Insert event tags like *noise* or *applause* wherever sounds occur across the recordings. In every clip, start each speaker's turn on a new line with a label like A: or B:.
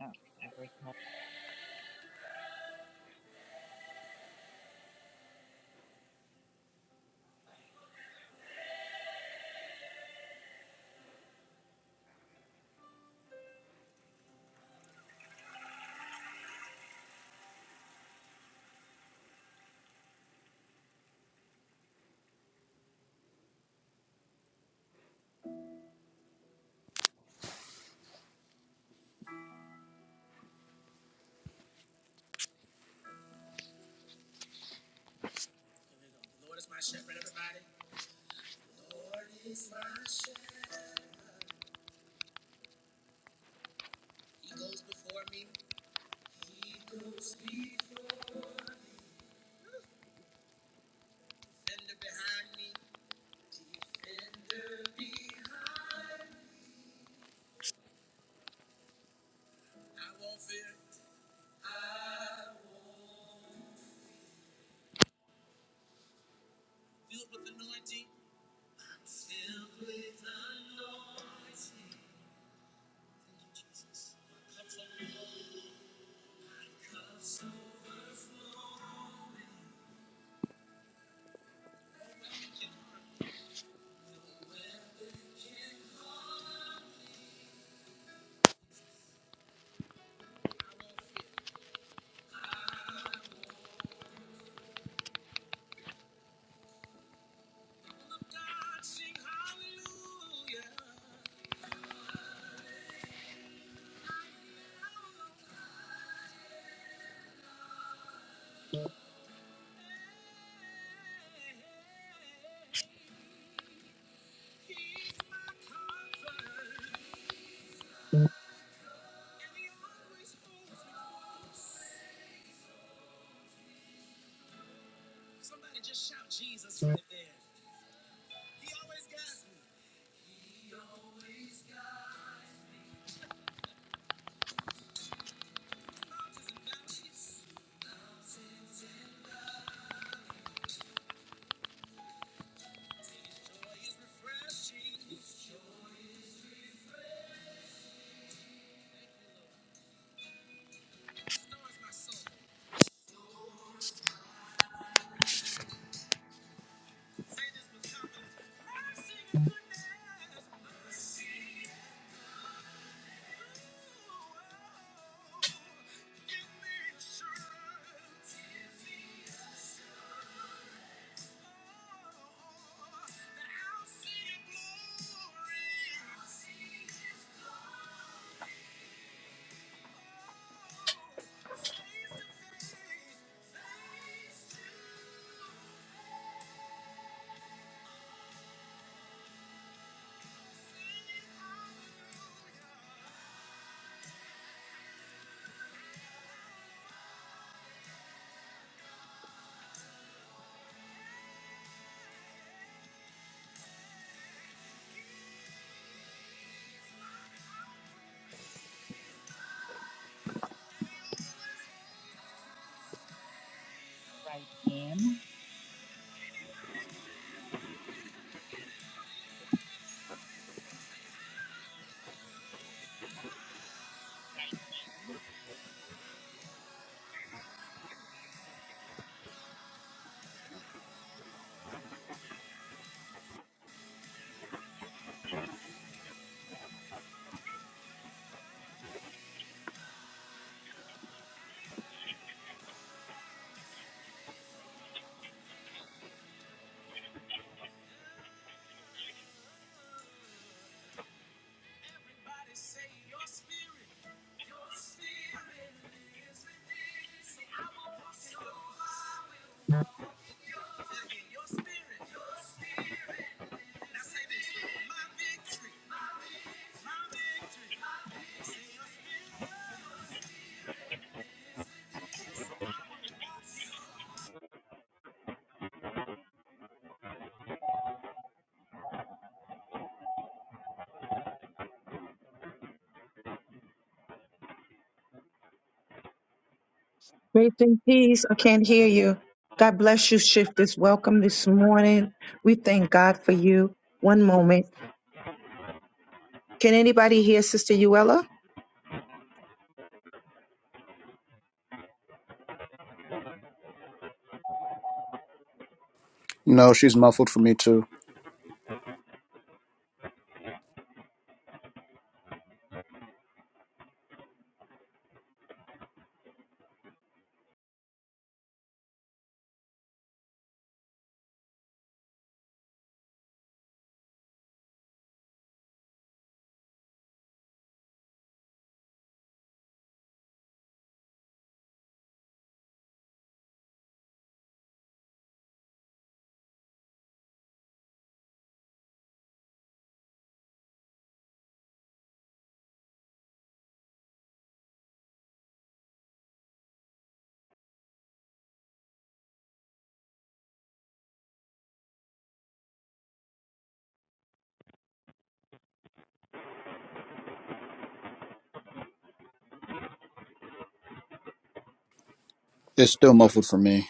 A: Okay, we're gonna write in
B: Grace and peace. I can't hear you. God bless you, shifters. Welcome this morning. We thank God for you. One moment. Can anybody hear Sister Uella?
C: No, she's muffled for me too. It's still muffled for me.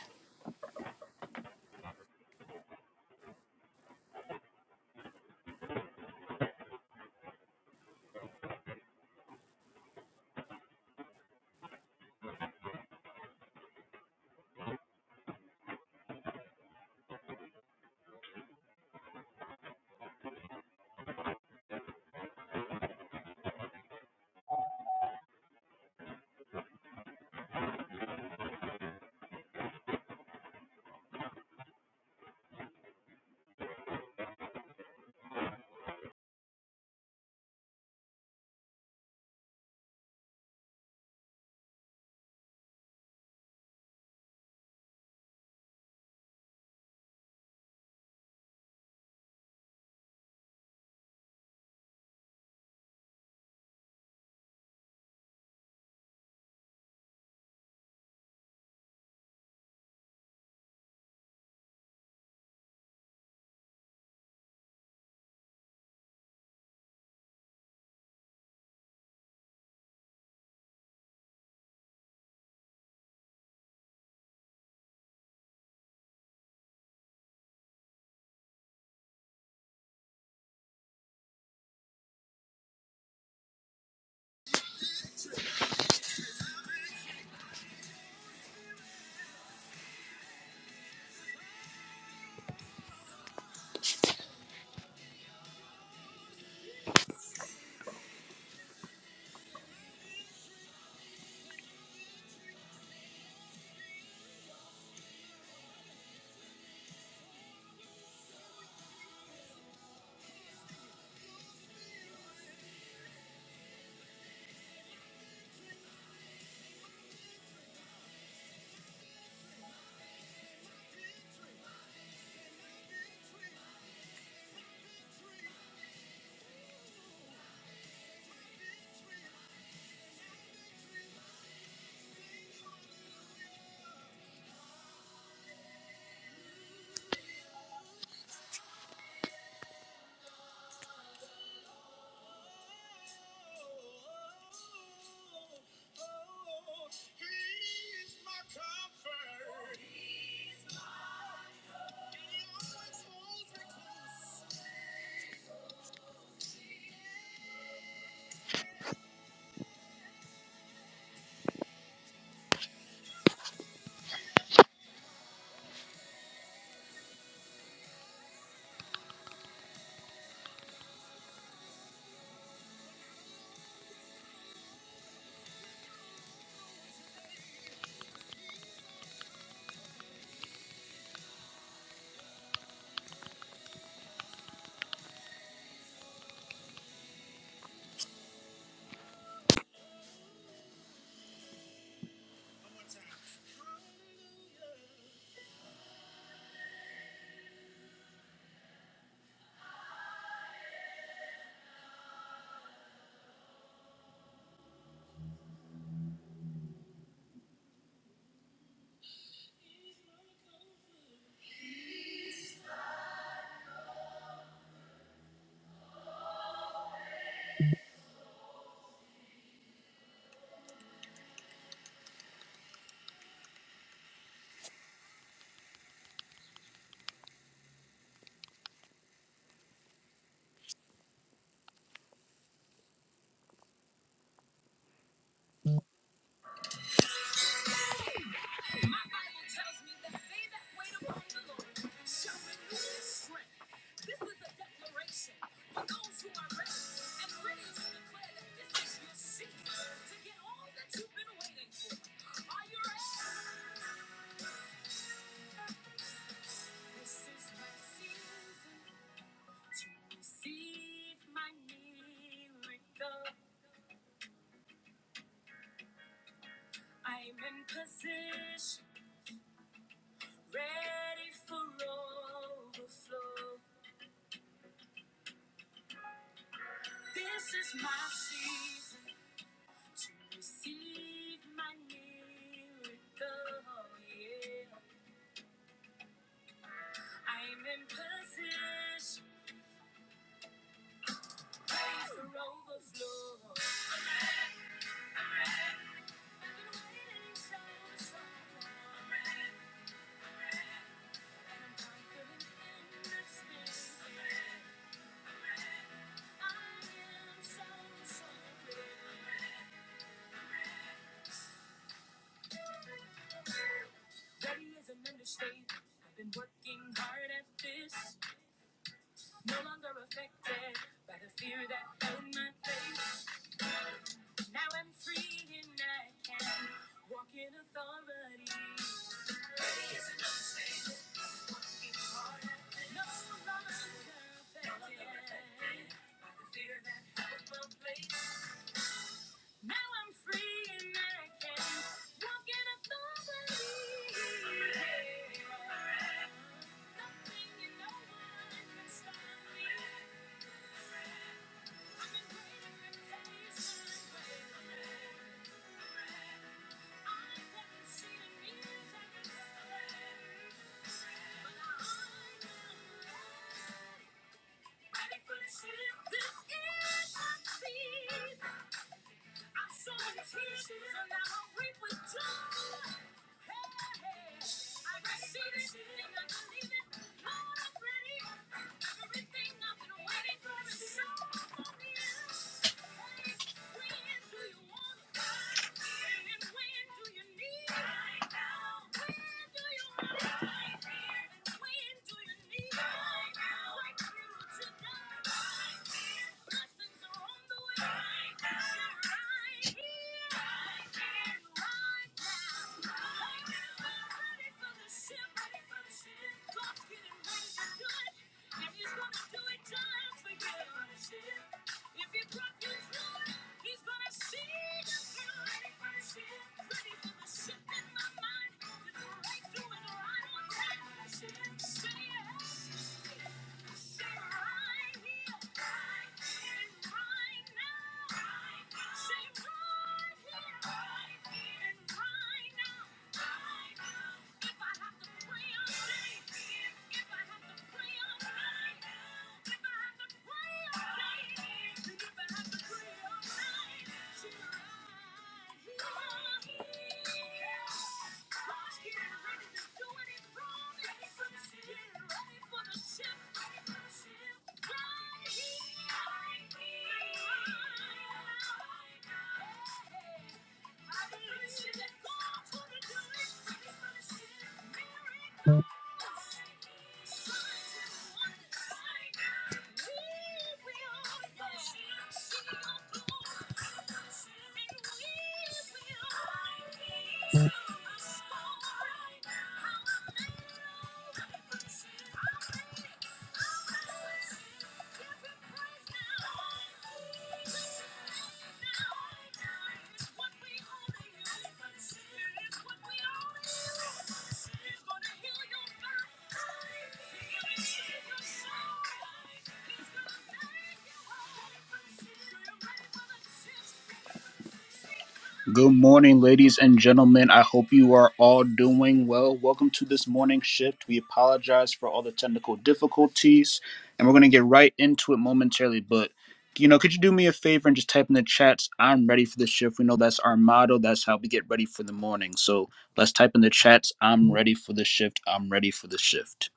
C: Good morning, ladies and gentlemen. I hope you are all doing well. Welcome to this morning shift. We apologize for all the technical difficulties, and we're going to get right into it momentarily. But, you know, could you do me a favor and just type in the chats? I'm ready for the shift. We know that's our motto. That's how we get ready for the morning. So let's type in the chats. I'm ready for the shift. I'm ready for the shift.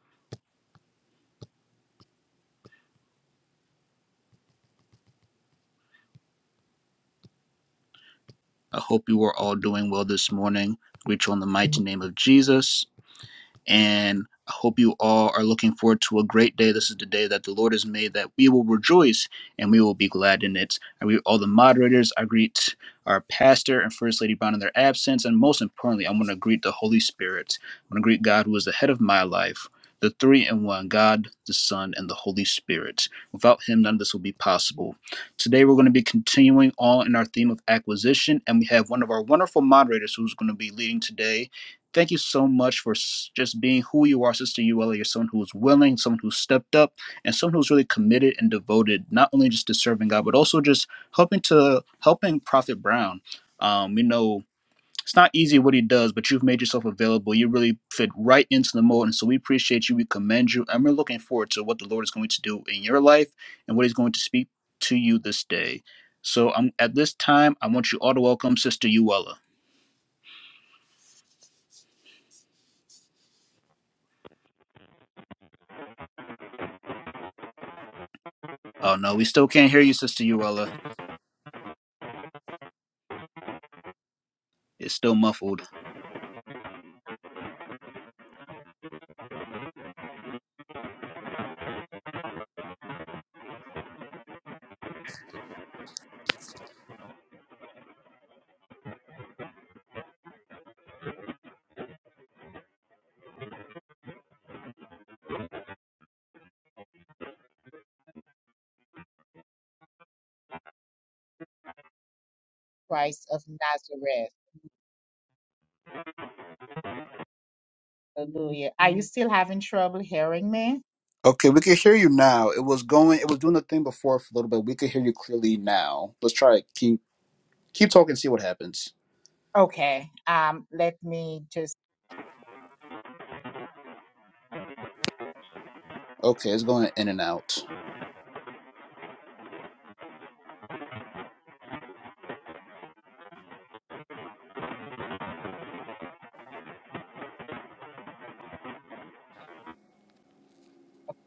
C: I hope you are all doing well this morning. Greet you on the mighty name of Jesus. And I hope you all are looking forward to a great day. This is the day that the Lord has made, that we will rejoice and we will be glad in it. I greet all the moderators. I greet our pastor and First Lady Brown in their absence. And most importantly, i want to greet the Holy Spirit. i want to greet God, who is the head of my life, the three in one God, the Son, and the Holy Spirit. Without Him, none of this will be possible. Today, we're going to be continuing on in our theme of acquisition. And we have one of our wonderful moderators who's going to be leading today thank you so much for just being who you are, Sister Uella. You're someone who's willing, someone who's stepped up, and someone who's really committed and devoted, not only just to serving God, but also just helping to helping Prophet Brown. Um, you know, it's not easy what he does, but you've made yourself available. You really fit right into the mold, and so we appreciate you. We commend you, and we're looking forward to what the Lord is going to do in your life and what He's going to speak to you this day. So, um, at this time, I want you all to welcome Sister Uella. Oh no, we still can't hear you, Sister Uella. It's still muffled.
A: Christ of Nazareth. Hallelujah. Are you still having trouble hearing me?
C: Okay, we can hear you now. It was going. It was doing the thing before for a little bit. We can hear you clearly now. Let's try it. Keep keep talking. See what happens.
A: Okay. Um, let me just
C: Okay, it's going in and out.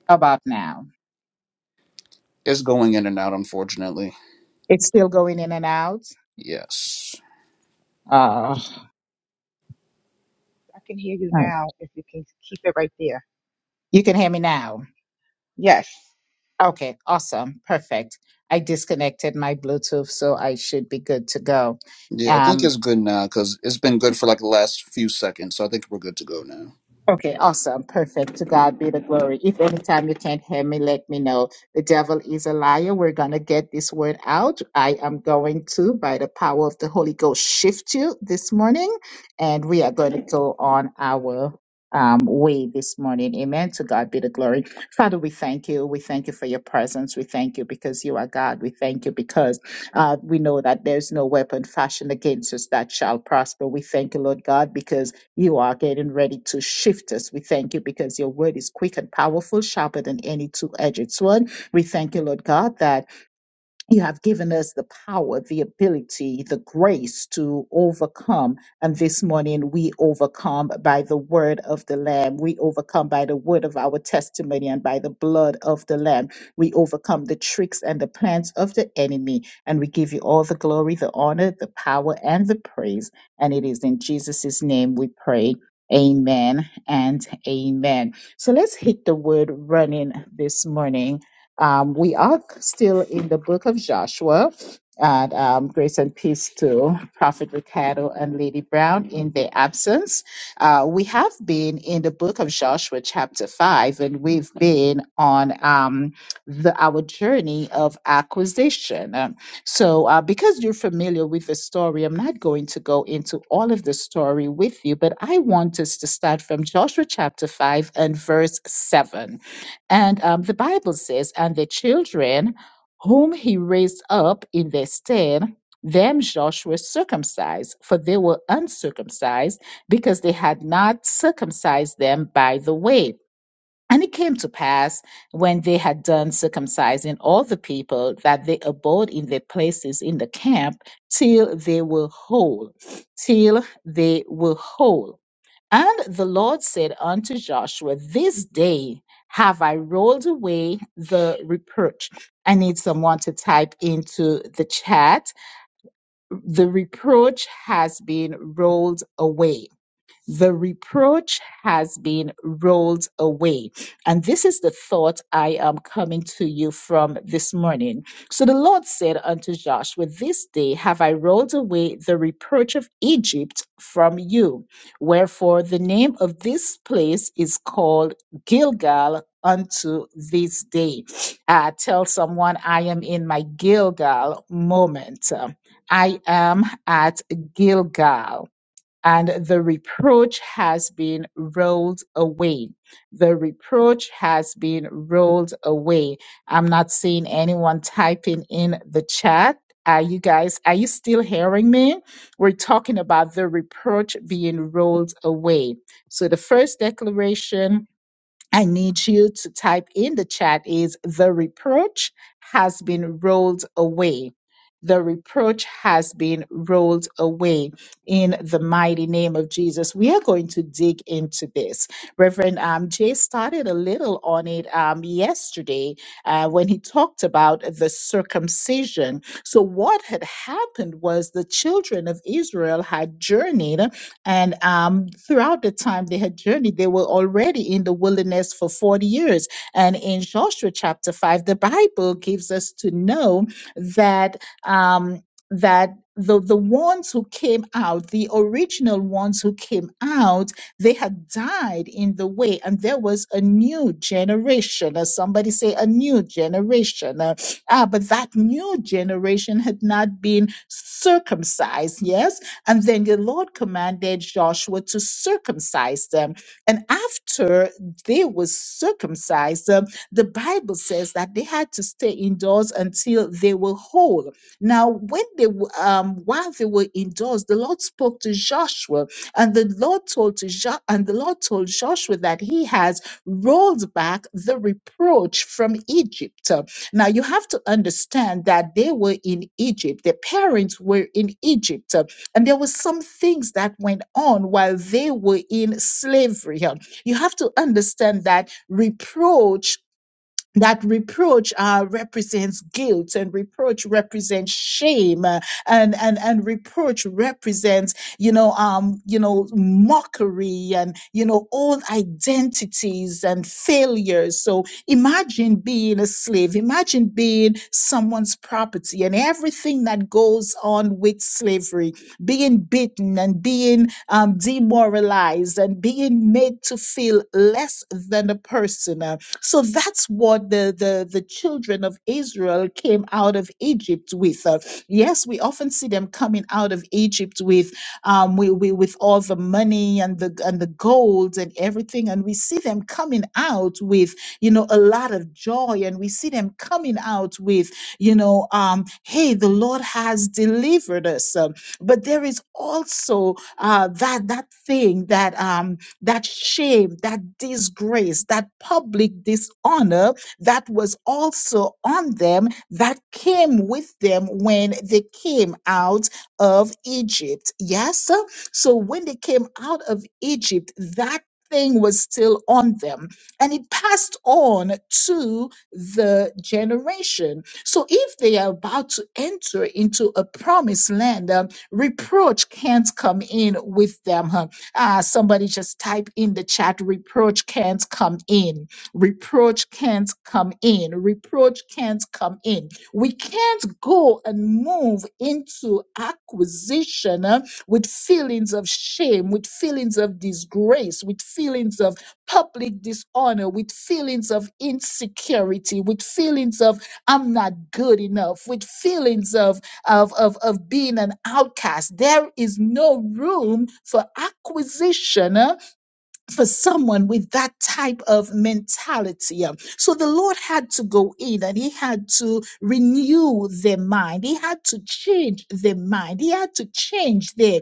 A: how about now.
C: It's going in and out. Unfortunately,
A: It's still going in and out.
C: yes.
A: Oh,
B: I can hear you
A: oh.
B: now if you can keep it right there.
A: you can hear me now.
B: Yes.
A: Okay, awesome, perfect. I disconnected my Bluetooth, so I should be good to go.
C: Yeah, I think
A: Um.
C: it's good now because it's been good for like the last few seconds. So I think we're good to go now.
A: Okay, awesome. Perfect. To God be the glory. If anytime you can't hear me, let me know. The devil is a liar. We're going to get this word out. I am going to, by the power of the Holy Ghost, shift you this morning, and we are going to go on our um, way this morning. Amen. To God be the glory. Father, we thank you. We thank you for your presence. We thank you because you are God. We thank you because uh, we know that there's no weapon fashioned against us that shall prosper. We thank you, Lord God, because you are getting ready to shift us. We thank you because your word is quick and powerful, sharper than any two edged sword. We thank you, Lord God, that you have given us the power, the ability, the grace to overcome. And this morning we overcome by the word of the Lamb. We overcome by the word of our testimony and by the blood of the Lamb. We overcome the tricks and the plans of the enemy. And we give you all the glory, the honor, the power, and the praise. And it is in Jesus' name we pray. Amen and amen. So let's hit the word running this morning um, we are still in the book of Joshua, and um, grace and peace to Prophet Ricardo and Lady Brown in their absence. Uh, we have been in the book of Joshua, chapter 5, and we've been on um, the, our journey of acquisition. Um, so, uh, because you're familiar with the story, I'm not going to go into all of the story with you, but I want us to start from Joshua chapter 5 and verse 7. And um, the Bible says, and the children whom he raised up in their stead, them Joshua circumcised, for they were uncircumcised, because they had not circumcised them by the way. And it came to pass when they had done circumcising all the people that they abode in their places in the camp till they were whole, till they were whole. And the Lord said unto Joshua, This day have I rolled away the reproach. I need someone to type into the chat. The reproach has been rolled away. The reproach has been rolled away. And this is the thought I am coming to you from this morning. So the Lord said unto Joshua, This day have I rolled away the reproach of Egypt from you. Wherefore the name of this place is called Gilgal unto this day. Uh, tell someone I am in my Gilgal moment. I am at Gilgal and the reproach has been rolled away. The reproach has been rolled away. I'm not seeing anyone typing in the chat. Are you guys, are you still hearing me? We're talking about the reproach being rolled away. So the first declaration I need you to type in the chat is the reproach has been rolled away. The reproach has been rolled away in the mighty name of Jesus. We are going to dig into this. Reverend um, Jay started a little on it um, yesterday uh, when he talked about the circumcision. So, what had happened was the children of Israel had journeyed and um, throughout the time they had journeyed, they were already in the wilderness for 40 years. And in Joshua chapter 5, the Bible gives us to know that. Um, that the, the ones who came out, the original ones who came out, they had died in the way, and there was a new generation. As somebody say, a new generation. Uh, ah, but that new generation had not been circumcised. Yes, and then the Lord commanded Joshua to circumcise them. And after they were circumcised, um, the Bible says that they had to stay indoors until they were whole. Now, when they were, um, while they were indoors, the Lord spoke to Joshua, and the Lord told to jo- and the Lord told Joshua that He has rolled back the reproach from Egypt. Uh, Now, you have to understand that they were in Egypt. Their parents were in Egypt. And there were some things that went on while they were in slavery. You have to understand that reproach that reproach uh, represents guilt and reproach represents shame uh, and and and reproach represents you know um you know mockery and you know old identities and failures so imagine being a slave imagine being someone's property and everything that goes on with slavery being beaten and being um, demoralized and being made to feel less than a person uh, so that's what the, the, the children of Israel came out of Egypt with. Uh, yes, we often see them coming out of Egypt with um, we, we, with all the money and the and the gold and everything, and we see them coming out with you know a lot of joy, and we see them coming out with you know um, hey, the Lord has delivered us. Um, but there is also uh, that that thing that um, that shame, that disgrace, that public dishonor that was also on them that came with them when they came out of Egypt. Yes? So when they came out of Egypt, that thing was still on them and it passed on to the generation. So if they are about to enter into a promised land, um, reproach can't come in with them. huh? Uh, somebody just type in the chat, reproach can't come in. Reproach can't come in. Reproach can't come in. We can't go and move into acquisition uh, with feelings of shame, with feelings of disgrace, with feelings of public dishonor, with feelings of insecurity, with feelings of I'm not good enough, with feelings of of, of, of being an outcast. There is no room for acquisition huh? for someone with that type of mentality. Um, So the Lord had to go in and he had to renew their mind. He had to change their mind. He had to change their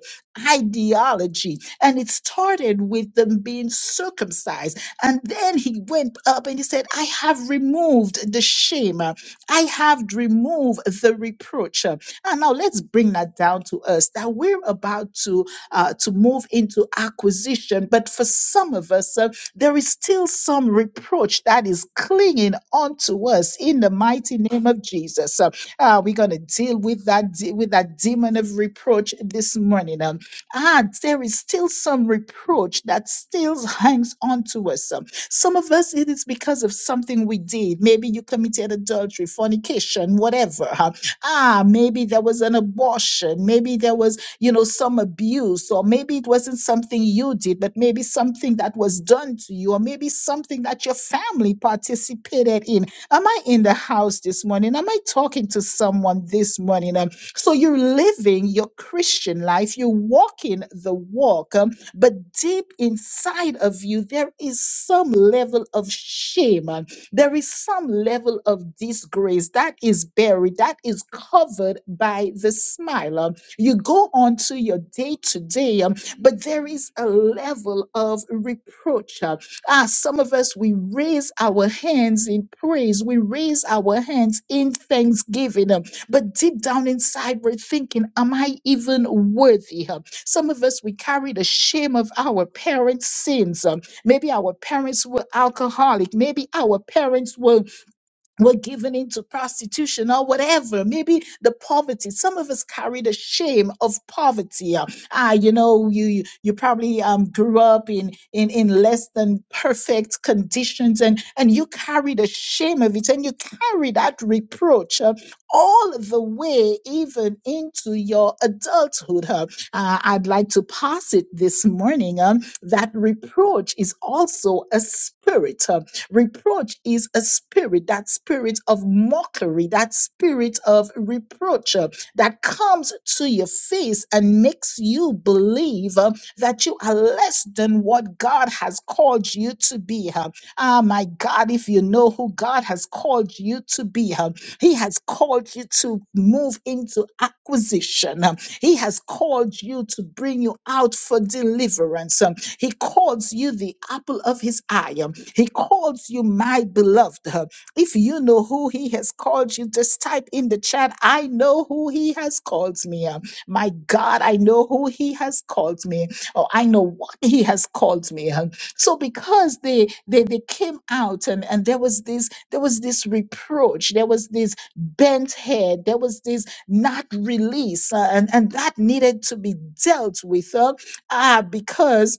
A: ideology. And it started with them being circumcised. And then he went up and he said, I have removed the shame. Uh, I have removed the reproach. Uh, And now let's bring that down to us that we're about to uh, to move into acquisition. But for some of us, uh, there is still some reproach that is clinging onto us in the mighty name of Jesus. Uh, uh, we're going to deal with that, de- with that demon of reproach this morning. Um, ah, there is still some reproach that still hangs onto us. Um, some of us, it is because of something we did. Maybe you committed adultery, fornication, whatever. huh? Ah, maybe there was an abortion. Maybe there was you know, some abuse, or maybe it wasn't something you did, but maybe something that was done to you, or maybe something that your family participated in. Am I in the house this morning? Am I talking to someone this morning? Um, so you're living your Christian life, you're walking the walk, um, but deep inside of you, there is some level of shame. um, there is some level of disgrace that is buried, that is covered by the smile. um, you go on to your day to day, um, but there is a level of reproach. uh, Ah, some of us, we raise our hands in praise, we raise our hands in thanksgiving, um, but deep down inside, we're thinking, Am I even worthy? um? Some of us, we carry the shame of our parents' sins. um, Maybe our parents were alcoholic, maybe our parents were were given into prostitution or whatever. Maybe the poverty. Some of us carry the shame of poverty. Uh, Ah, you know, you you you probably um grew up in in in less than perfect conditions, and and you carry the shame of it, and you carry that reproach uh, all the way even into your adulthood. Uh, uh, I'd like to pass it this morning. Um, that reproach is also a spirit. uh, Reproach is a spirit, that spirit of mockery, that spirit of reproach uh, that comes to your face and makes you believe uh, that you are less than what God has called you to be. huh. Ah, my God, if you know who God has called you to be, huh, He has called you to move into acquisition, huh. He has called you to bring you out for deliverance. um, he calls you the apple of his eye. He calls you my beloved. If you know who he has called you, just type in the chat, I know who he has called me. My God, I know who he has called me. Or I know what he has called me. So because they they, they came out and, and there was this there was this reproach, there was this bent head, there was this not release, uh, and, and that needed to be dealt with. uh, ah, because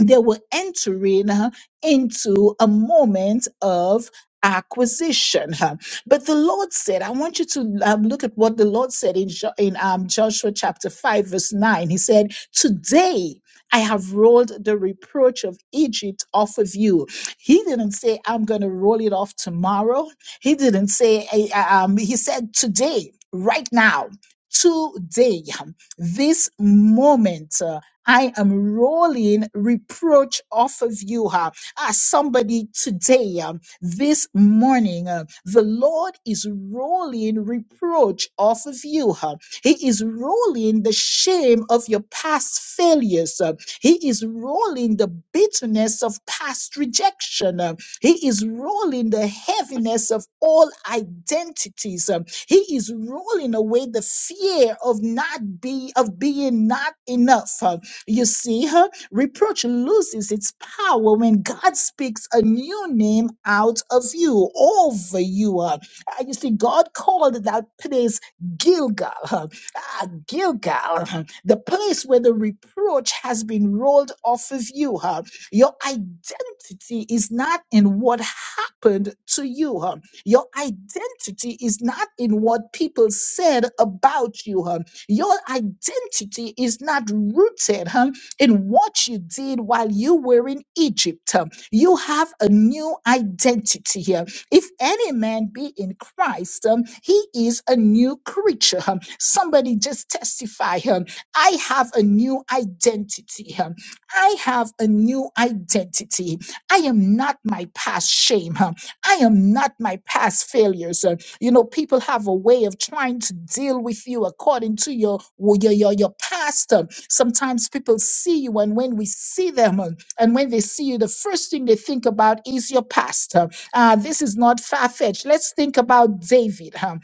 A: they were entering uh, into a moment of acquisition. huh. But the Lord said, I want you to um, look at what the Lord said in, Jo- in um, Joshua chapter 5, verse 9. He said, Today, I have rolled the reproach of Egypt off of you. He didn't say, I'm going to roll it off tomorrow. He didn't say, "I- um, He said, Today, right now, today, huh, this moment. uh, I am rolling reproach off of you. huh? Ah, somebody today, um, this morning, uh, the Lord is rolling reproach off of you. huh? He is rolling the shame of your past failures. uh, He is rolling the bitterness of past rejection. uh, He is rolling the heaviness of all identities. um, He is rolling away the fear of not be of being not enough. uh, you see her? Reproach loses its power when God speaks a new name out of you, over you. Uh, uh, you see, God called that place Gilgal. uh, ah, Gilgal, uh, the place where the reproach has been rolled off of you. uh. Your identity is not in what happened to you. uh. Your identity is not in what people said about you. huh? Your identity is not rooted huh, in what you did while you were in Egypt. huh. You have a new identity here. If any man be in Christ, um, he is a new creature. um. Somebody just testify him. I have a new identity. um. I have a new identity. I am not my past shame. um. I am not my past failures. uh, you know, people have a way of trying to deal with you according to your your your, your past. Um, Sometimes people see you, and when we see them, um, and when they see you, the first thing they think about is your past. Um, Uh, this is not far fetched. Let's think about David. huh?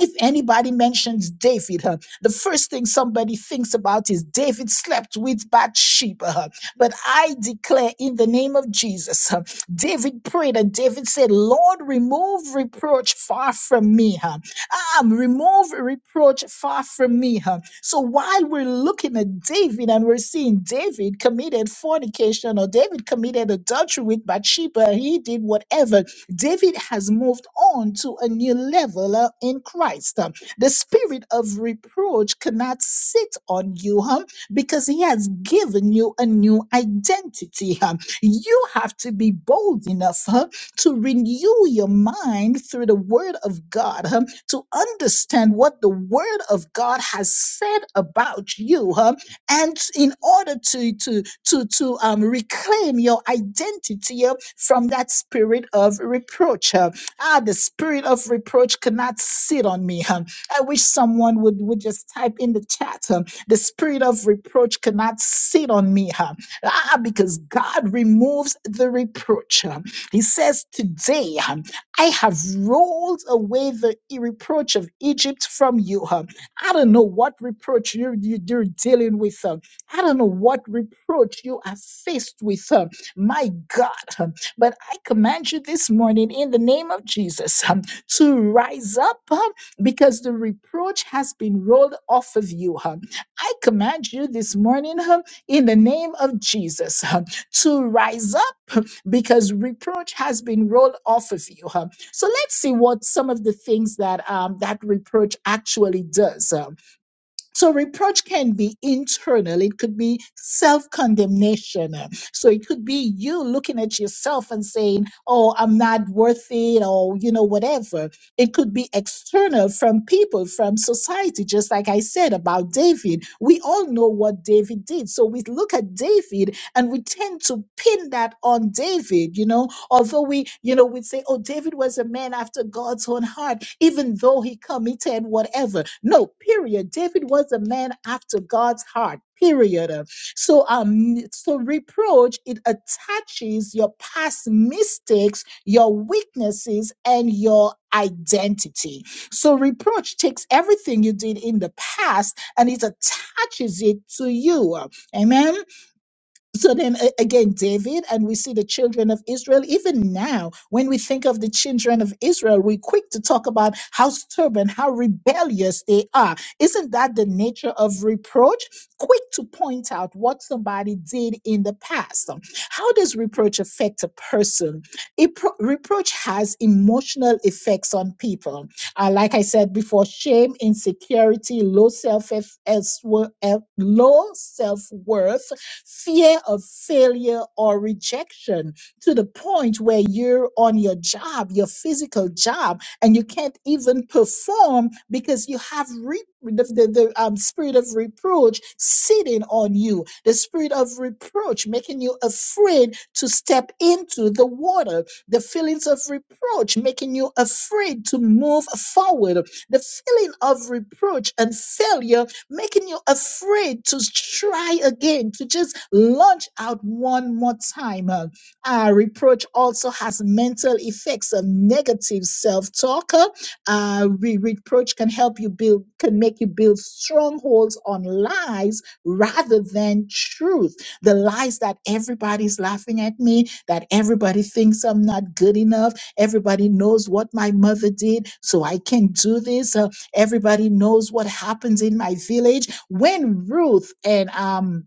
A: if anybody mentions David, uh, the first thing somebody thinks about is David slept with Bathsheba. uh, but I declare in the name of Jesus, uh, David prayed and David said, Lord, remove reproach far from me. Uh, um, remove reproach far from me. Uh, so while we're looking at David and we're seeing David committed fornication or David committed adultery with Bathsheba, he did whatever David has moved on to a new level uh, in Christ. Um, The spirit of reproach cannot sit on you um, because he has given you a new identity. um. You have to be bold enough huh, to renew your mind through the word of God, huh, to understand what the word of God has said about you, huh, and in order to to to to um reclaim your identity uh, from that spirit of reproach uh, ah the spirit of reproach cannot sit on me huh. i wish someone would would just type in the chat huh, the spirit of reproach cannot sit on me huh. ah because god removes the reproach huh. he says today huh, i have rolled away the reproach of egypt from you huh. I don't know what reproach you're, you- you you are dealing with. uh, I don't know what reproach you are faced with. uh, My God. um, But I command you this morning in the name of Jesus um, to rise up um, because the reproach has been rolled off of you. um. I command you this morning um, in the name of Jesus um, to rise up uh, because reproach has been rolled off of you. um. So let's see what some of the things that um, that reproach actually does. Um, so reproach can be internal; it could be self-condemnation. Uh, So it could be you looking at yourself and saying, "Oh, I'm not worth it," or you know, whatever. It could be external from people, from society. Just like I said about David, we all know what David did. So we look at David and we tend to pin that on David. You know, Although we, you know, we'd say, oh, David was a man after God's own heart, even though he committed whatever. No, period. David was a man after God's heart. Period. So um so reproach it attaches your past mistakes, your weaknesses and your identity. So reproach takes everything you did in the past and it attaches it to you. Amen. So then a- again, David, and we see the children of Israel, even now, when we think of the children of Israel, we're quick to talk about how stubborn, how rebellious they are. Isn't that the nature of reproach? Quick to point out what somebody did in the past. How does reproach affect a person? It pro- reproach has emotional effects on people. Uh, like I said before, shame, insecurity, low self low self worth fear of failure or rejection to the point where you're on your job, your physical job, and you can't even perform because you have re- the, the, the um, spirit of reproach sitting on you, the spirit of reproach making you afraid to step into the water, the feelings of reproach making you afraid to move forward, the feeling of reproach and failure making you afraid to try again, to just launch out one more time. Uh, uh, reproach also has mental effects of negative self-talk. Uh, uh, re- reproach can help you build, can make you build strongholds on lies rather than truth. The lies that everybody's laughing at me, that everybody thinks I'm not good enough, everybody knows what my mother did, so I can do this. Uh, Everybody knows what happens in my village. When Ruth and um,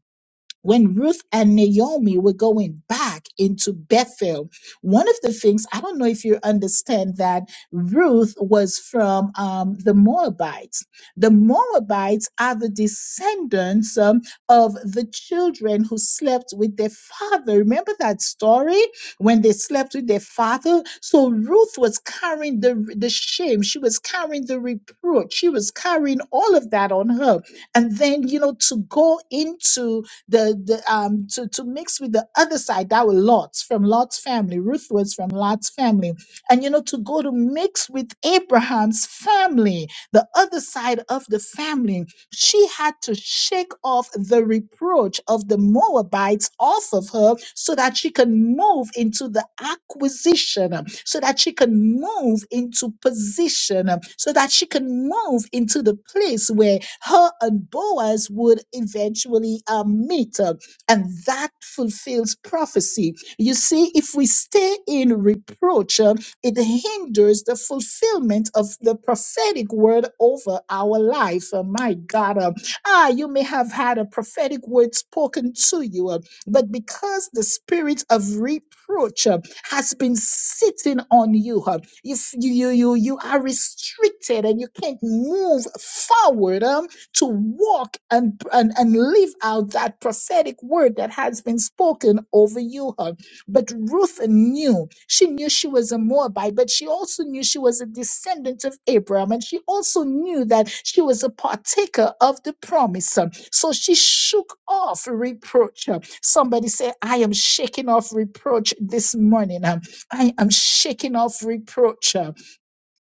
A: when Ruth and Naomi were going back into Bethel, one of the things, I don't know if you understand that Ruth was from um, the Moabites. The Moabites are the descendants um, of the children who slept with their father. Remember that story when they slept with their father? So Ruth was carrying the, the shame, she was carrying the reproach, she was carrying all of that on her. And then, you know, to go into the, the um to, to mix with the other side that were Lot's from Lot's family. Ruth was from Lot's family. And you know, to go to mix with Abraham's family, the other side of the family she had to shake off the reproach of the Moabites off of her so that she can move into the acquisition, um, so that she can move into position, um, so that she can move into the place where her and Boaz would eventually um, meet. um, And that fulfills prophecy. You see, if we stay in reproach, it hinders the fulfillment of the prophetic word over our life. Uh, my God, uh, ah, you may have had a prophetic word spoken to you, uh, but because the spirit of reproach uh, has been sitting on you, uh, if you you you you are restricted and you can't move forward um, to walk and, and and live out that prophetic word that has been spoken over you. uh, but Ruth knew. She knew she was a Moabite, but she also knew she was a descendant of Abraham. And she also knew that she was a partaker of the promise. So she shook off reproach. Somebody say, I am shaking off reproach this morning. I am shaking off reproach.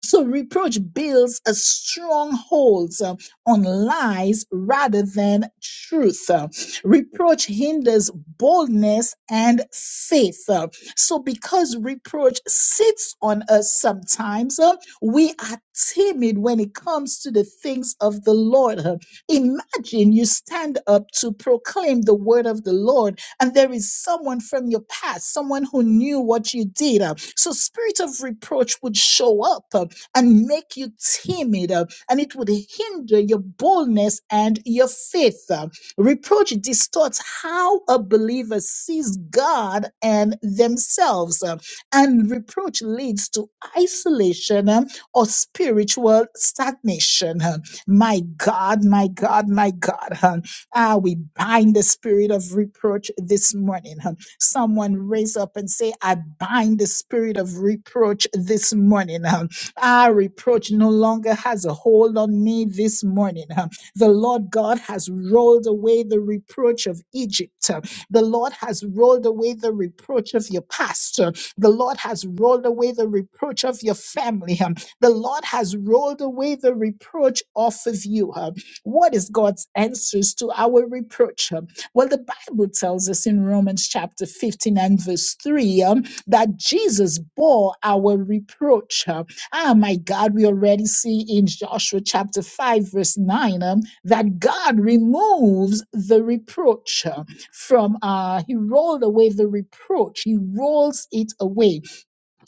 A: So reproach builds a strongholds uh, on lies rather than truth. Uh, Reproach hinders boldness and faith. Uh, So because reproach sits on us sometimes, uh, we are timid when it comes to the things of the Lord. Uh, Imagine you stand up to proclaim the word of the Lord and there is someone from your past, someone who knew what you did. uh, So spirit of reproach would show up. uh, and make you timid, uh, and it would hinder your boldness and your faith. uh. Reproach distorts how a believer sees God and themselves, uh, and reproach leads to isolation um, or spiritual stagnation. uh. My God, my God, my God. huh. Ah, we bind the spirit of reproach this morning. huh. Someone raise up and say, I bind the spirit of reproach this morning. huh. Our reproach no longer has a hold on me this morning. huh. The Lord God has rolled away the reproach of Egypt. huh. The Lord has rolled away the reproach of your past. huh. The Lord has rolled away the reproach of your family. huh. The Lord has rolled away the reproach off of you. huh. What is God's answers to our reproach? huh? Well, the Bible tells us in Romans chapter 15 and verse 3 um, that Jesus bore our reproach. Huh. Ah, my God, we already see in Joshua chapter 5, verse 9, um, that God removes the reproach uh, from, uh, He rolled away the reproach, He rolls it away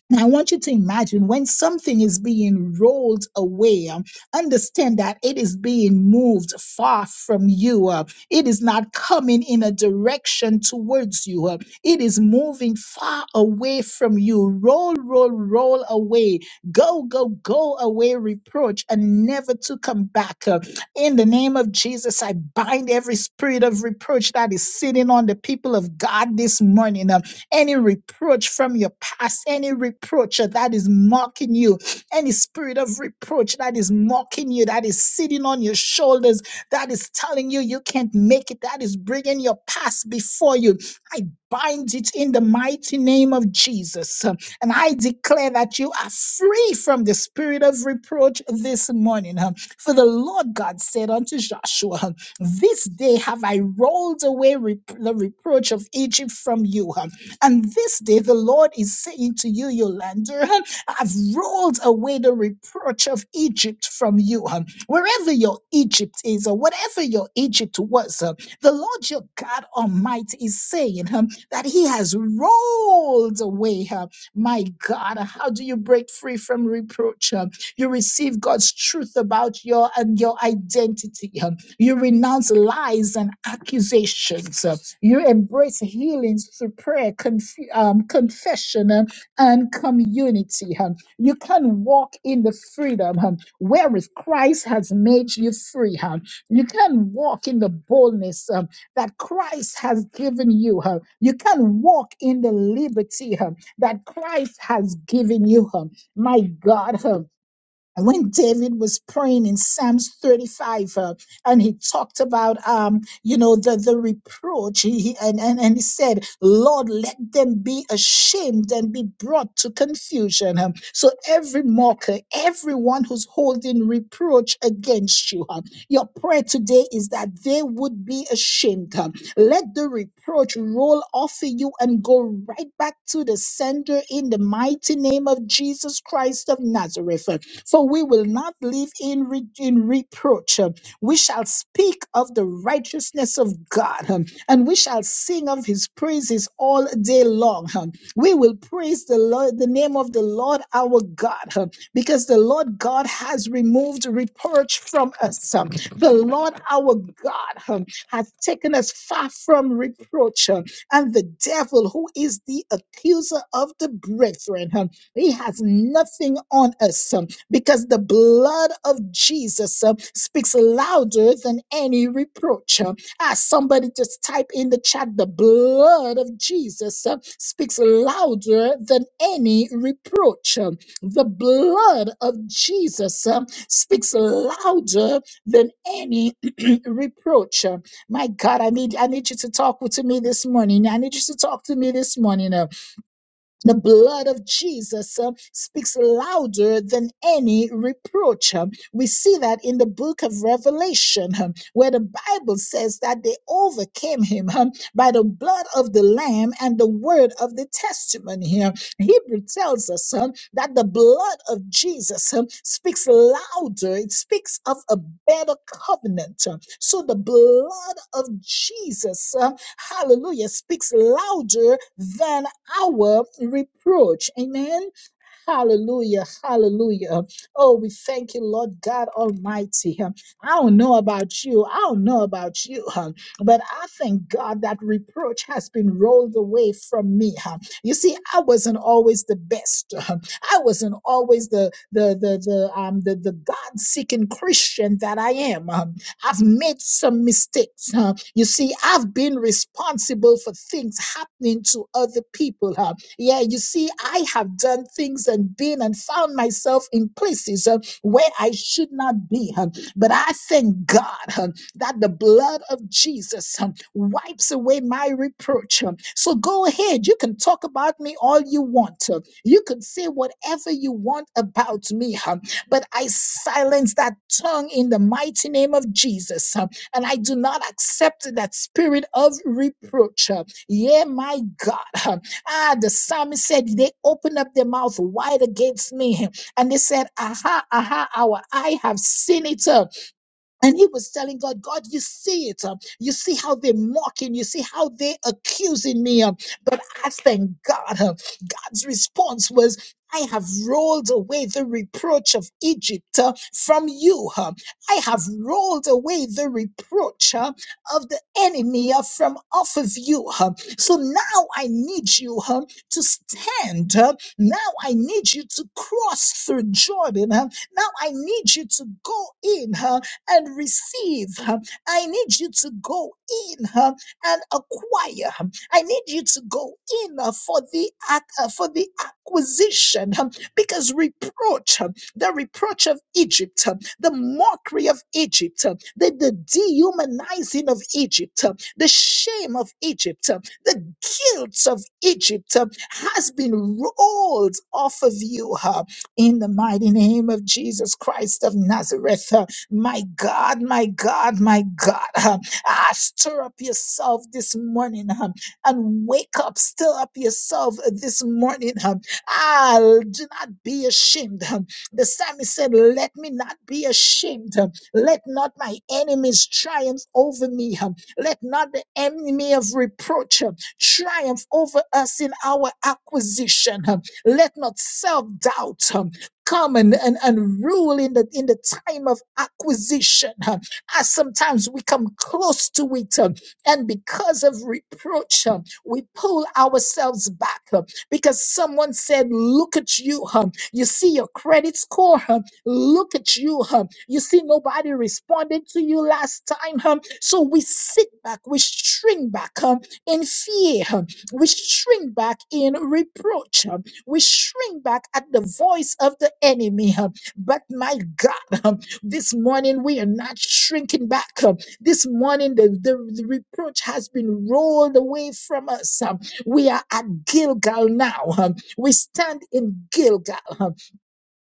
A: now, I want you to imagine when something is being rolled away, um, understand that it is being moved far from you. uh, it is not coming in a direction towards you. uh, it is moving far away from you. Roll, roll, roll away. Go, go, go away, reproach, and never to come back. uh, in the name of Jesus, I bind every spirit of reproach that is sitting on the people of God this morning. Uh, any reproach from your past, any reproach that is mocking you, any spirit of reproach that is mocking you, that is sitting on your shoulders, that is telling you you can't make it, that is bringing your past before you. I bind it in the mighty name of Jesus. Um, And I declare that you are free from the spirit of reproach this morning. Um, For the Lord God said unto Joshua, um, This day have I rolled away rep- the reproach of Egypt from you. Um, and this day the Lord is saying to you, Yolanda, *laughs* I've rolled away the reproach of Egypt from you. um, Wherever your Egypt is, or whatever your Egypt was, um, the Lord your God Almighty is saying um, that He has rolled away. um, My God, how do you break free from reproach? um? You receive God's truth about your and your identity. um, You renounce lies and accusations. um, you embrace healings through prayer, conf- um, confession, um, and community. um. You can walk in the freedom um, wherewith Christ has made you free. um. You can walk in the boldness um, that Christ has given you. um. You can walk in the liberty um, that Christ has given you. um. My God, huh? And when David was praying in Psalms 35, uh, and he talked about, um, you know, the, the reproach, he, he- and, and, and he said, Lord, let them be ashamed and be brought to confusion. Um, so every mocker, everyone who's holding reproach against you, um, your prayer today is that they would be ashamed. um, let the reproach roll off of you and go right back to the sender in the mighty name of Jesus Christ of Nazareth. um. So we will not live in, re- in reproach. Um, We shall speak of the righteousness of God, um, and we shall sing of his praises all day long. um. We will praise the Lord, the name of the Lord our God, um, because the Lord God has removed reproach from us. um. The Lord our God um, has taken us far from reproach, um, and the devil, who is the accuser of the brethren, um, he has nothing on us. um because the blood of Jesus uh, speaks louder than any reproach. Uh, ah, somebody just type in the chat the blood of Jesus uh, speaks louder than any reproach. Uh, the blood of Jesus uh, speaks louder than any *clears throat* reproach. Uh, my God, I need I need you to talk with- to me this morning. I need you to talk to me this morning. Uh, the blood of Jesus uh, speaks louder than any reproach. uh. We see that in the book of Revelation, uh, where the Bible says that they overcame him uh, by the blood of the Lamb and the word of the testimony. uh. Hebrew tells us uh, that the blood of Jesus uh, speaks louder, it speaks of a better covenant. uh. So the blood of Jesus, uh, hallelujah, speaks louder than our reproach. Amen. Hallelujah. Hallelujah. Oh, we thank you, Lord God Almighty. I don't know about you. I don't know about you, huh, but I thank God that reproach has been rolled away from me. huh. You see, I wasn't always the best. huh. I wasn't always the the the the um the, the God-seeking Christian that I am. um, I've made some mistakes. huh. You see, I've been responsible for things happening to other people. huh. Yeah, you see, I have done things and been and found myself in places uh, where I should not be. huh. But I thank God huh, that the blood of Jesus huh, wipes away my reproach. huh. So go ahead. You can talk about me all you want. huh. You can say whatever you want about me. huh. But I silence that tongue in the mighty name of Jesus. huh, And I do not accept that spirit of reproach. huh. Yeah, my God. huh. Ah, the psalmist said they opened up their mouth wide against me. And they said, Aha, aha, our eye have seen it. uh, And he was telling God, God, you see it. uh, You see how they're mocking. You see how they're accusing me. uh, But I thank God. God's response was, I have rolled away the reproach of Egypt uh, from you. uh, I have rolled away the reproach uh, of the enemy uh, from off of you. uh, So now I need you uh, to stand. uh, Now I need you to cross through Jordan. uh, Now I need you to go in uh, and receive. uh, I need you to go in uh, and acquire. huh? I need you to go in uh, for the ac- uh, for the acquisition um, because reproach, um, the reproach of Egypt, um, the mockery of Egypt, um, the, the dehumanizing of Egypt, um, the shame of Egypt, um, the guilt of Egypt um, has been rolled off of you uh, in the mighty name of Jesus Christ of Nazareth. uh, my God, my God, my God. uh, Ah, stir up yourself this morning. uh, and wake up, stir up yourself this morning. um, Ah, do not be ashamed. um. The psalmist said, Let me not be ashamed. um. Let not my enemies triumph over me. um. Let not the enemy of reproach um, triumph over us in our acquisition. um. Let not self doubt come and, and, and rule in the in the time of acquisition. huh. As sometimes we come close to it. huh, and because of reproach, uh, we pull ourselves back uh, because someone said, Look at you. huh? You see your credit score. huh? Look at you. huh? You see nobody responded to you last time. huh? So we sit back, we shrink back huh, in fear. huh? We shrink back in reproach. huh? We shrink back at the voice of the enemy. huh? But my God, huh, this morning we are not shrinking back. uh, this morning, the, the, the reproach has been rolled away from us. Um, We are at Gilgal now. Um, We stand in Gilgal. Um,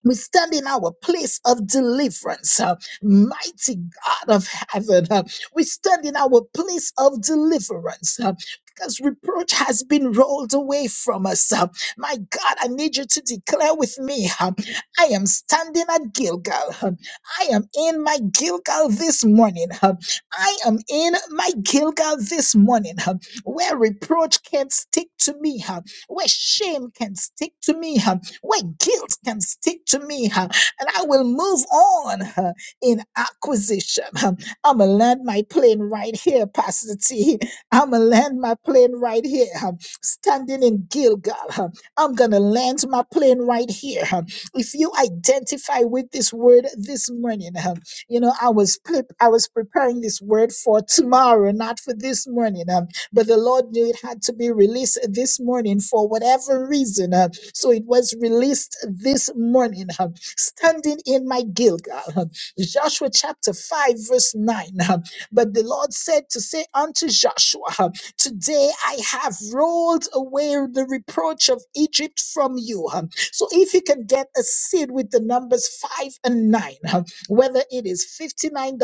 A: we stand in our place of deliverance, uh, mighty God of heaven. uh, we stand in our place of deliverance. uh, because reproach has been rolled away from us. uh. my God, I need you to declare with me uh, I am standing at Gilgal. uh, I am in my Gilgal this morning. uh, I am in my Gilgal this morning, uh, where reproach can stick to me, uh, where shame can stick to me, Uh, where guilt can stick to me, huh, and I will move on huh, in acquisition. huh. I'ma land my plane right here, Pastor T. I'ma land my plane right here, huh, standing in Gilgal. huh. I'm gonna land my plane right here. huh. If you identify with this word this morning, huh, you know I was pre- I was preparing this word for tomorrow, not for this morning. huh, but the Lord knew it had to be released this morning for whatever reason. Um, so it was released this morning. um, Standing in my Gilgal. um, Joshua chapter 5, verse 9. um, But the Lord said to say unto Joshua, um, Today I have rolled away the reproach of Egypt from you. um, So if you can get a seed with the numbers five and nine, um, whether it is $59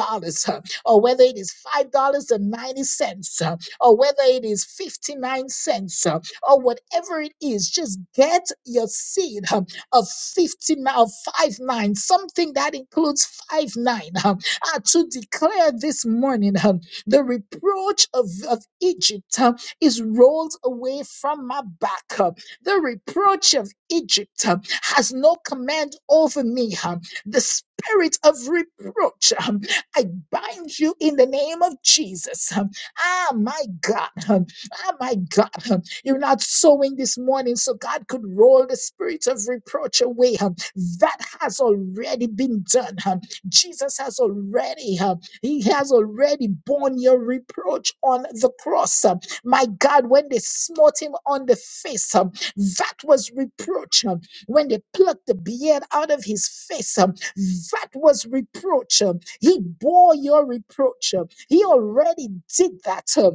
A: um, or whether it is $5.90 um, or whether it is 59 cents. huh, or whatever it is, just get your seed um, of 50, ma- of 5 9, something that includes 5 9, um, uh, to declare this morning um, the reproach of, of Egypt um, is rolled away from my back. um, the reproach of Egypt um, has no command over me. um, the spirit of reproach, um, I bind you in the name of Jesus. um, Ah, my God. um, Ah, my God. huh. You're not sowing this morning so God could roll the spirit of reproach away. huh. That has already been done. huh. Jesus has already, huh, he has already borne your reproach on the cross. huh. My God, when they smote him on the face, huh, that was reproach. huh. When they plucked the beard out of his face, huh, that was reproach. huh. He bore your reproach. huh. He already did that. huh.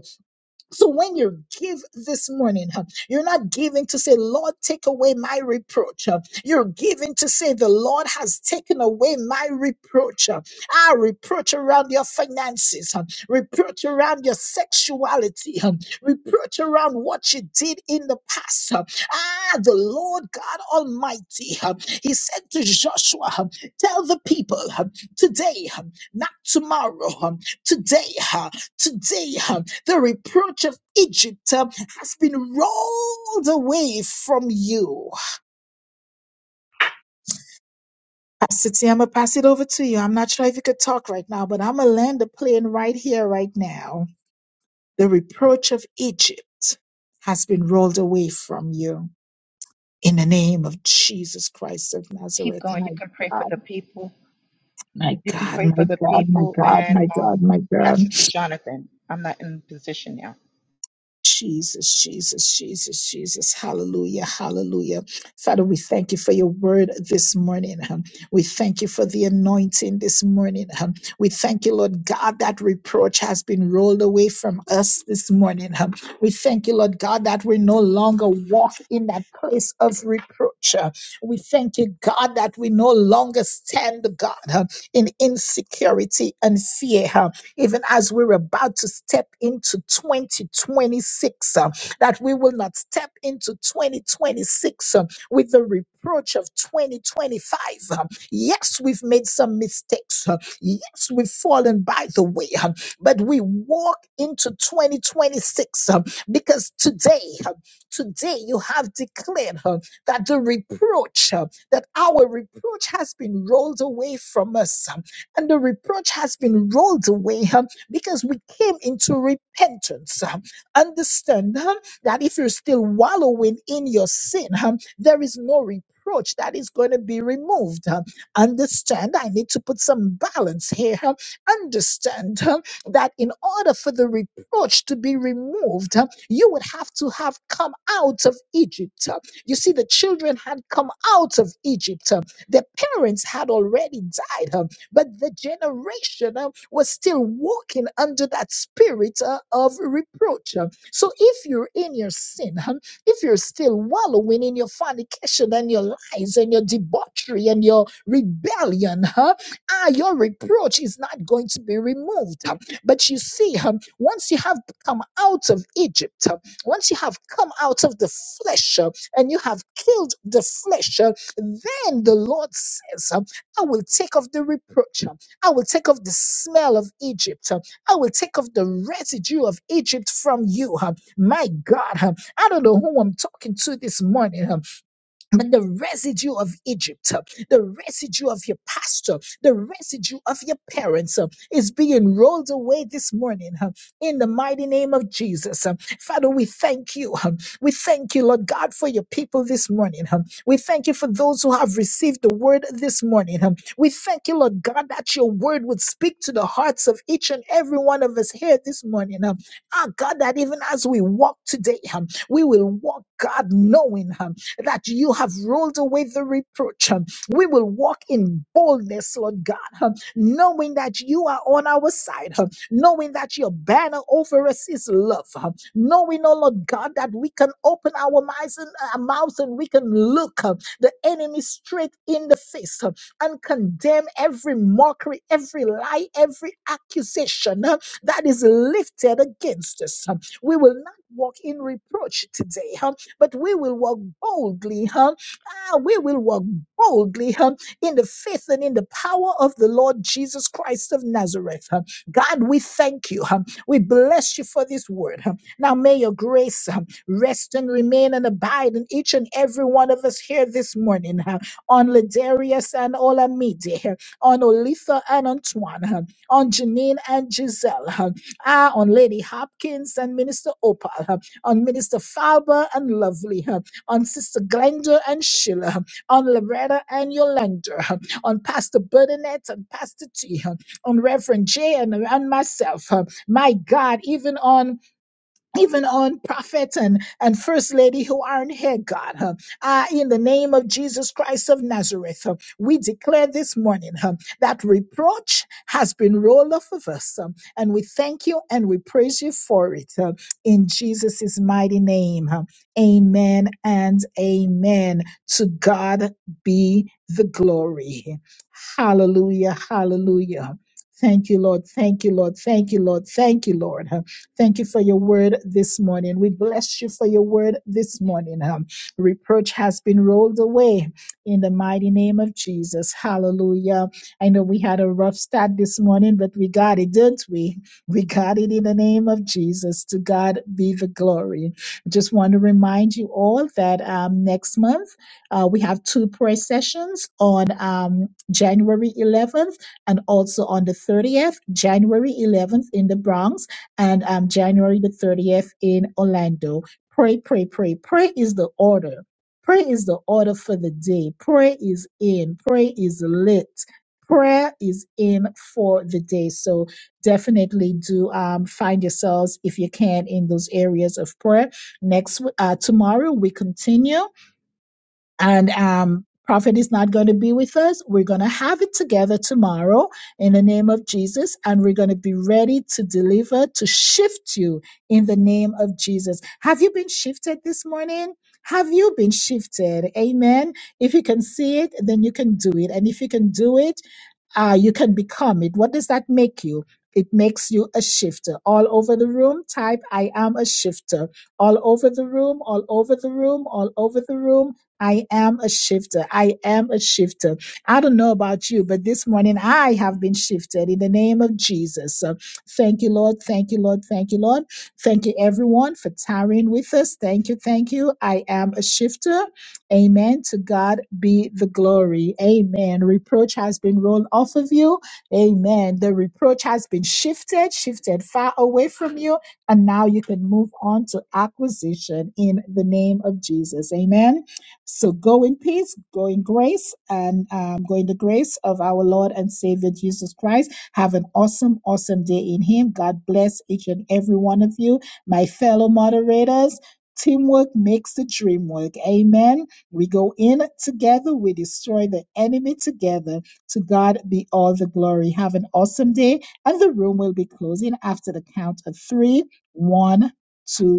A: So when you give this morning, huh, you're not giving to say, Lord, take away my reproach. huh. You're giving to say, the Lord has taken away my reproach. huh. Ah, reproach around your finances, huh, reproach around your sexuality, huh, reproach around what you did in the past. huh. Ah, the Lord God Almighty, huh, He said to Joshua, huh, tell the people huh, today, huh, not tomorrow, huh, today, huh, today. huh, the reproach of Egypt uh, has been rolled away from you. Pastor T, I'm going to pass it over to you. I'm not sure if you could talk right now, but I'm going to land the plane right here, right now. The reproach of Egypt has been rolled away from you. In the name of Jesus Christ of
B: Keep
A: Nazareth,
B: going.
A: my
B: You can pray for
A: God,
B: the people.
A: my
B: You can
A: God,
B: pray
A: my
B: for the
A: God, my
B: people
A: God,
B: and
A: my God,
B: um,
A: my God.
B: pass it to Jonathan. I'm not in position now.
A: Jesus, Jesus, Jesus, Jesus. Hallelujah, hallelujah. Father, we thank you for your word this morning. huh? We thank you for the anointing this morning. huh? We thank you, Lord God, that reproach has been rolled away from us this morning. huh? We thank you, Lord God, that we no longer walk in that place of reproach. huh? We thank you, God, that we no longer stand, God, huh, in insecurity and fear. huh? even as we're about to step into 2026, uh, that we will not step into 2026 uh, with the reproach of 2025. uh. Yes, we've made some mistakes. uh, Yes, we've fallen by the way, uh, but we walk into 2026 uh, because today, uh, today you have declared uh, that the reproach, uh, that our reproach has been rolled away from us. uh and the reproach has been rolled away huh, because we came into repentance. huh. Understand huh, that if you're still wallowing in your sin, huh, there is no reproach that is going to be removed. huh. Understand, I need to put some balance here. huh. Understand huh, that in order for the reproach to be removed, huh, you would have to have come out of Egypt. huh. You see, the children had come out of Egypt. huh. Their parents had already died. huh. But the generation uh, was still walking under that spirit uh, of reproach. Uh, So if you're in your sin, huh, if you're still wallowing in your fornication and your lies and your debauchery and your rebellion, huh, ah, your reproach is not going to be removed. huh. But you see, huh, once you have come out of Egypt, huh, once you have come out of the flesh uh, and you have killed the flesh, uh, then the Lord says, uh, I will take off the reproach. I will take off the smell of Egypt. I will take off the residue of Egypt from you. My God, I don't know who I'm talking to this morning, but the residue of Egypt, uh, the residue of your pastor, the residue of your parents uh, is being rolled away this morning uh, in the mighty name of Jesus. uh. Father, we thank you. uh, We thank you, Lord God, for your people this morning. uh. We thank you for those who have received the word this morning. uh. We thank you, Lord God, that your word would speak to the hearts of each and every one of us here this morning. uh. Ah, God, that even as we walk today, um, we will walk, God, knowing. um, that you have rolled away the reproach. Um, We will walk in boldness, Lord God, um, knowing that you are on our side, um, knowing that your banner over us is love, um, knowing, oh Lord God, that we can open our mouths and, uh, mouths and we can look um, the enemy straight in the face um, and condemn every mockery, every lie, every accusation um, that is lifted against us. um. We will not walk in reproach today. um, but we will walk boldly, huh? Ah, we will walk boldly, huh? In the faith and in the power of the Lord Jesus Christ of Nazareth, huh? God, we thank you, huh? We bless you for this word, huh? Now may your grace huh, rest and remain and abide in each and every one of us here this morning, huh? On Ladarius and Olamide, huh? on Olitha and Antoine, huh? on Janine and Giselle, huh? ah, on Lady Hopkins and Minister Opal. huh? on Minister Falba and Lovely, huh, on Sister Glenda and Sheila, huh, on Loretta and Yolanda, huh, on Pastor Bernadette and Pastor T, huh, on Reverend Jay and, and myself. huh. My God, even on even on prophet and, and first lady who aren't here, God. huh. Ah, in the name of Jesus Christ of Nazareth, huh, we declare this morning huh, that reproach has been rolled off of us. huh, and we thank you and we praise you for it. huh, in Jesus' mighty name. huh. amen and amen. To God be the glory. Hallelujah. Hallelujah. Thank you, Lord. Thank you, Lord. Thank you, Lord. Thank you, Lord. huh? Thank you for your word this morning. We bless you for your word this morning. Um, reproach has been rolled away in the mighty name of Jesus. Hallelujah. I know we had a rough start this morning, but we got it, didn't we? We got it in the name of Jesus. To God be the glory. Just want to remind you all that um, next month uh, we have two prayer sessions on um, January 11th and also on the 30th, January 11th in the Bronx and um, January the 30th in Orlando. Pray, pray, pray. Pray is the order. Pray is the order for the day. Pray is in. Pray is lit. Prayer is in for the day. So definitely do um, find yourselves, if you can, in those areas of prayer. Next, w- uh, tomorrow we continue and um prophet is not going to be with us we're going to have it together tomorrow in the name of jesus and we're going to be ready to deliver to shift you in the name of jesus have you been shifted this morning have you been shifted amen if you can see it then you can do it and if you can do it uh, you can become it. What does that make you? It makes you a shifter. All over the room, type I am a shifter. All over the room, all over the room, all over the room. I am a shifter. I am a shifter. I don't know about you, but this morning I have been shifted in the name of Jesus. So thank you, Lord. Thank you, Lord. Thank you, Lord. Thank you, everyone, for tarrying with us. Thank you. Thank you. I am a shifter. Amen. To God be the glory. Amen. Reproach has been rolled off of you. Amen. The reproach has been shifted, shifted far away from you. And now you can move on to acquisition in the name of Jesus. Amen. So go in peace, go in grace, and um, go in the grace of our Lord and Savior Jesus Christ. Have an awesome, awesome day in Him. God bless each and every one of you, my fellow moderators. Teamwork makes the dream work. Amen. We go in together, we destroy the enemy together. To God be all the glory. Have an awesome day, and the room will be closing after the count of three, one, two.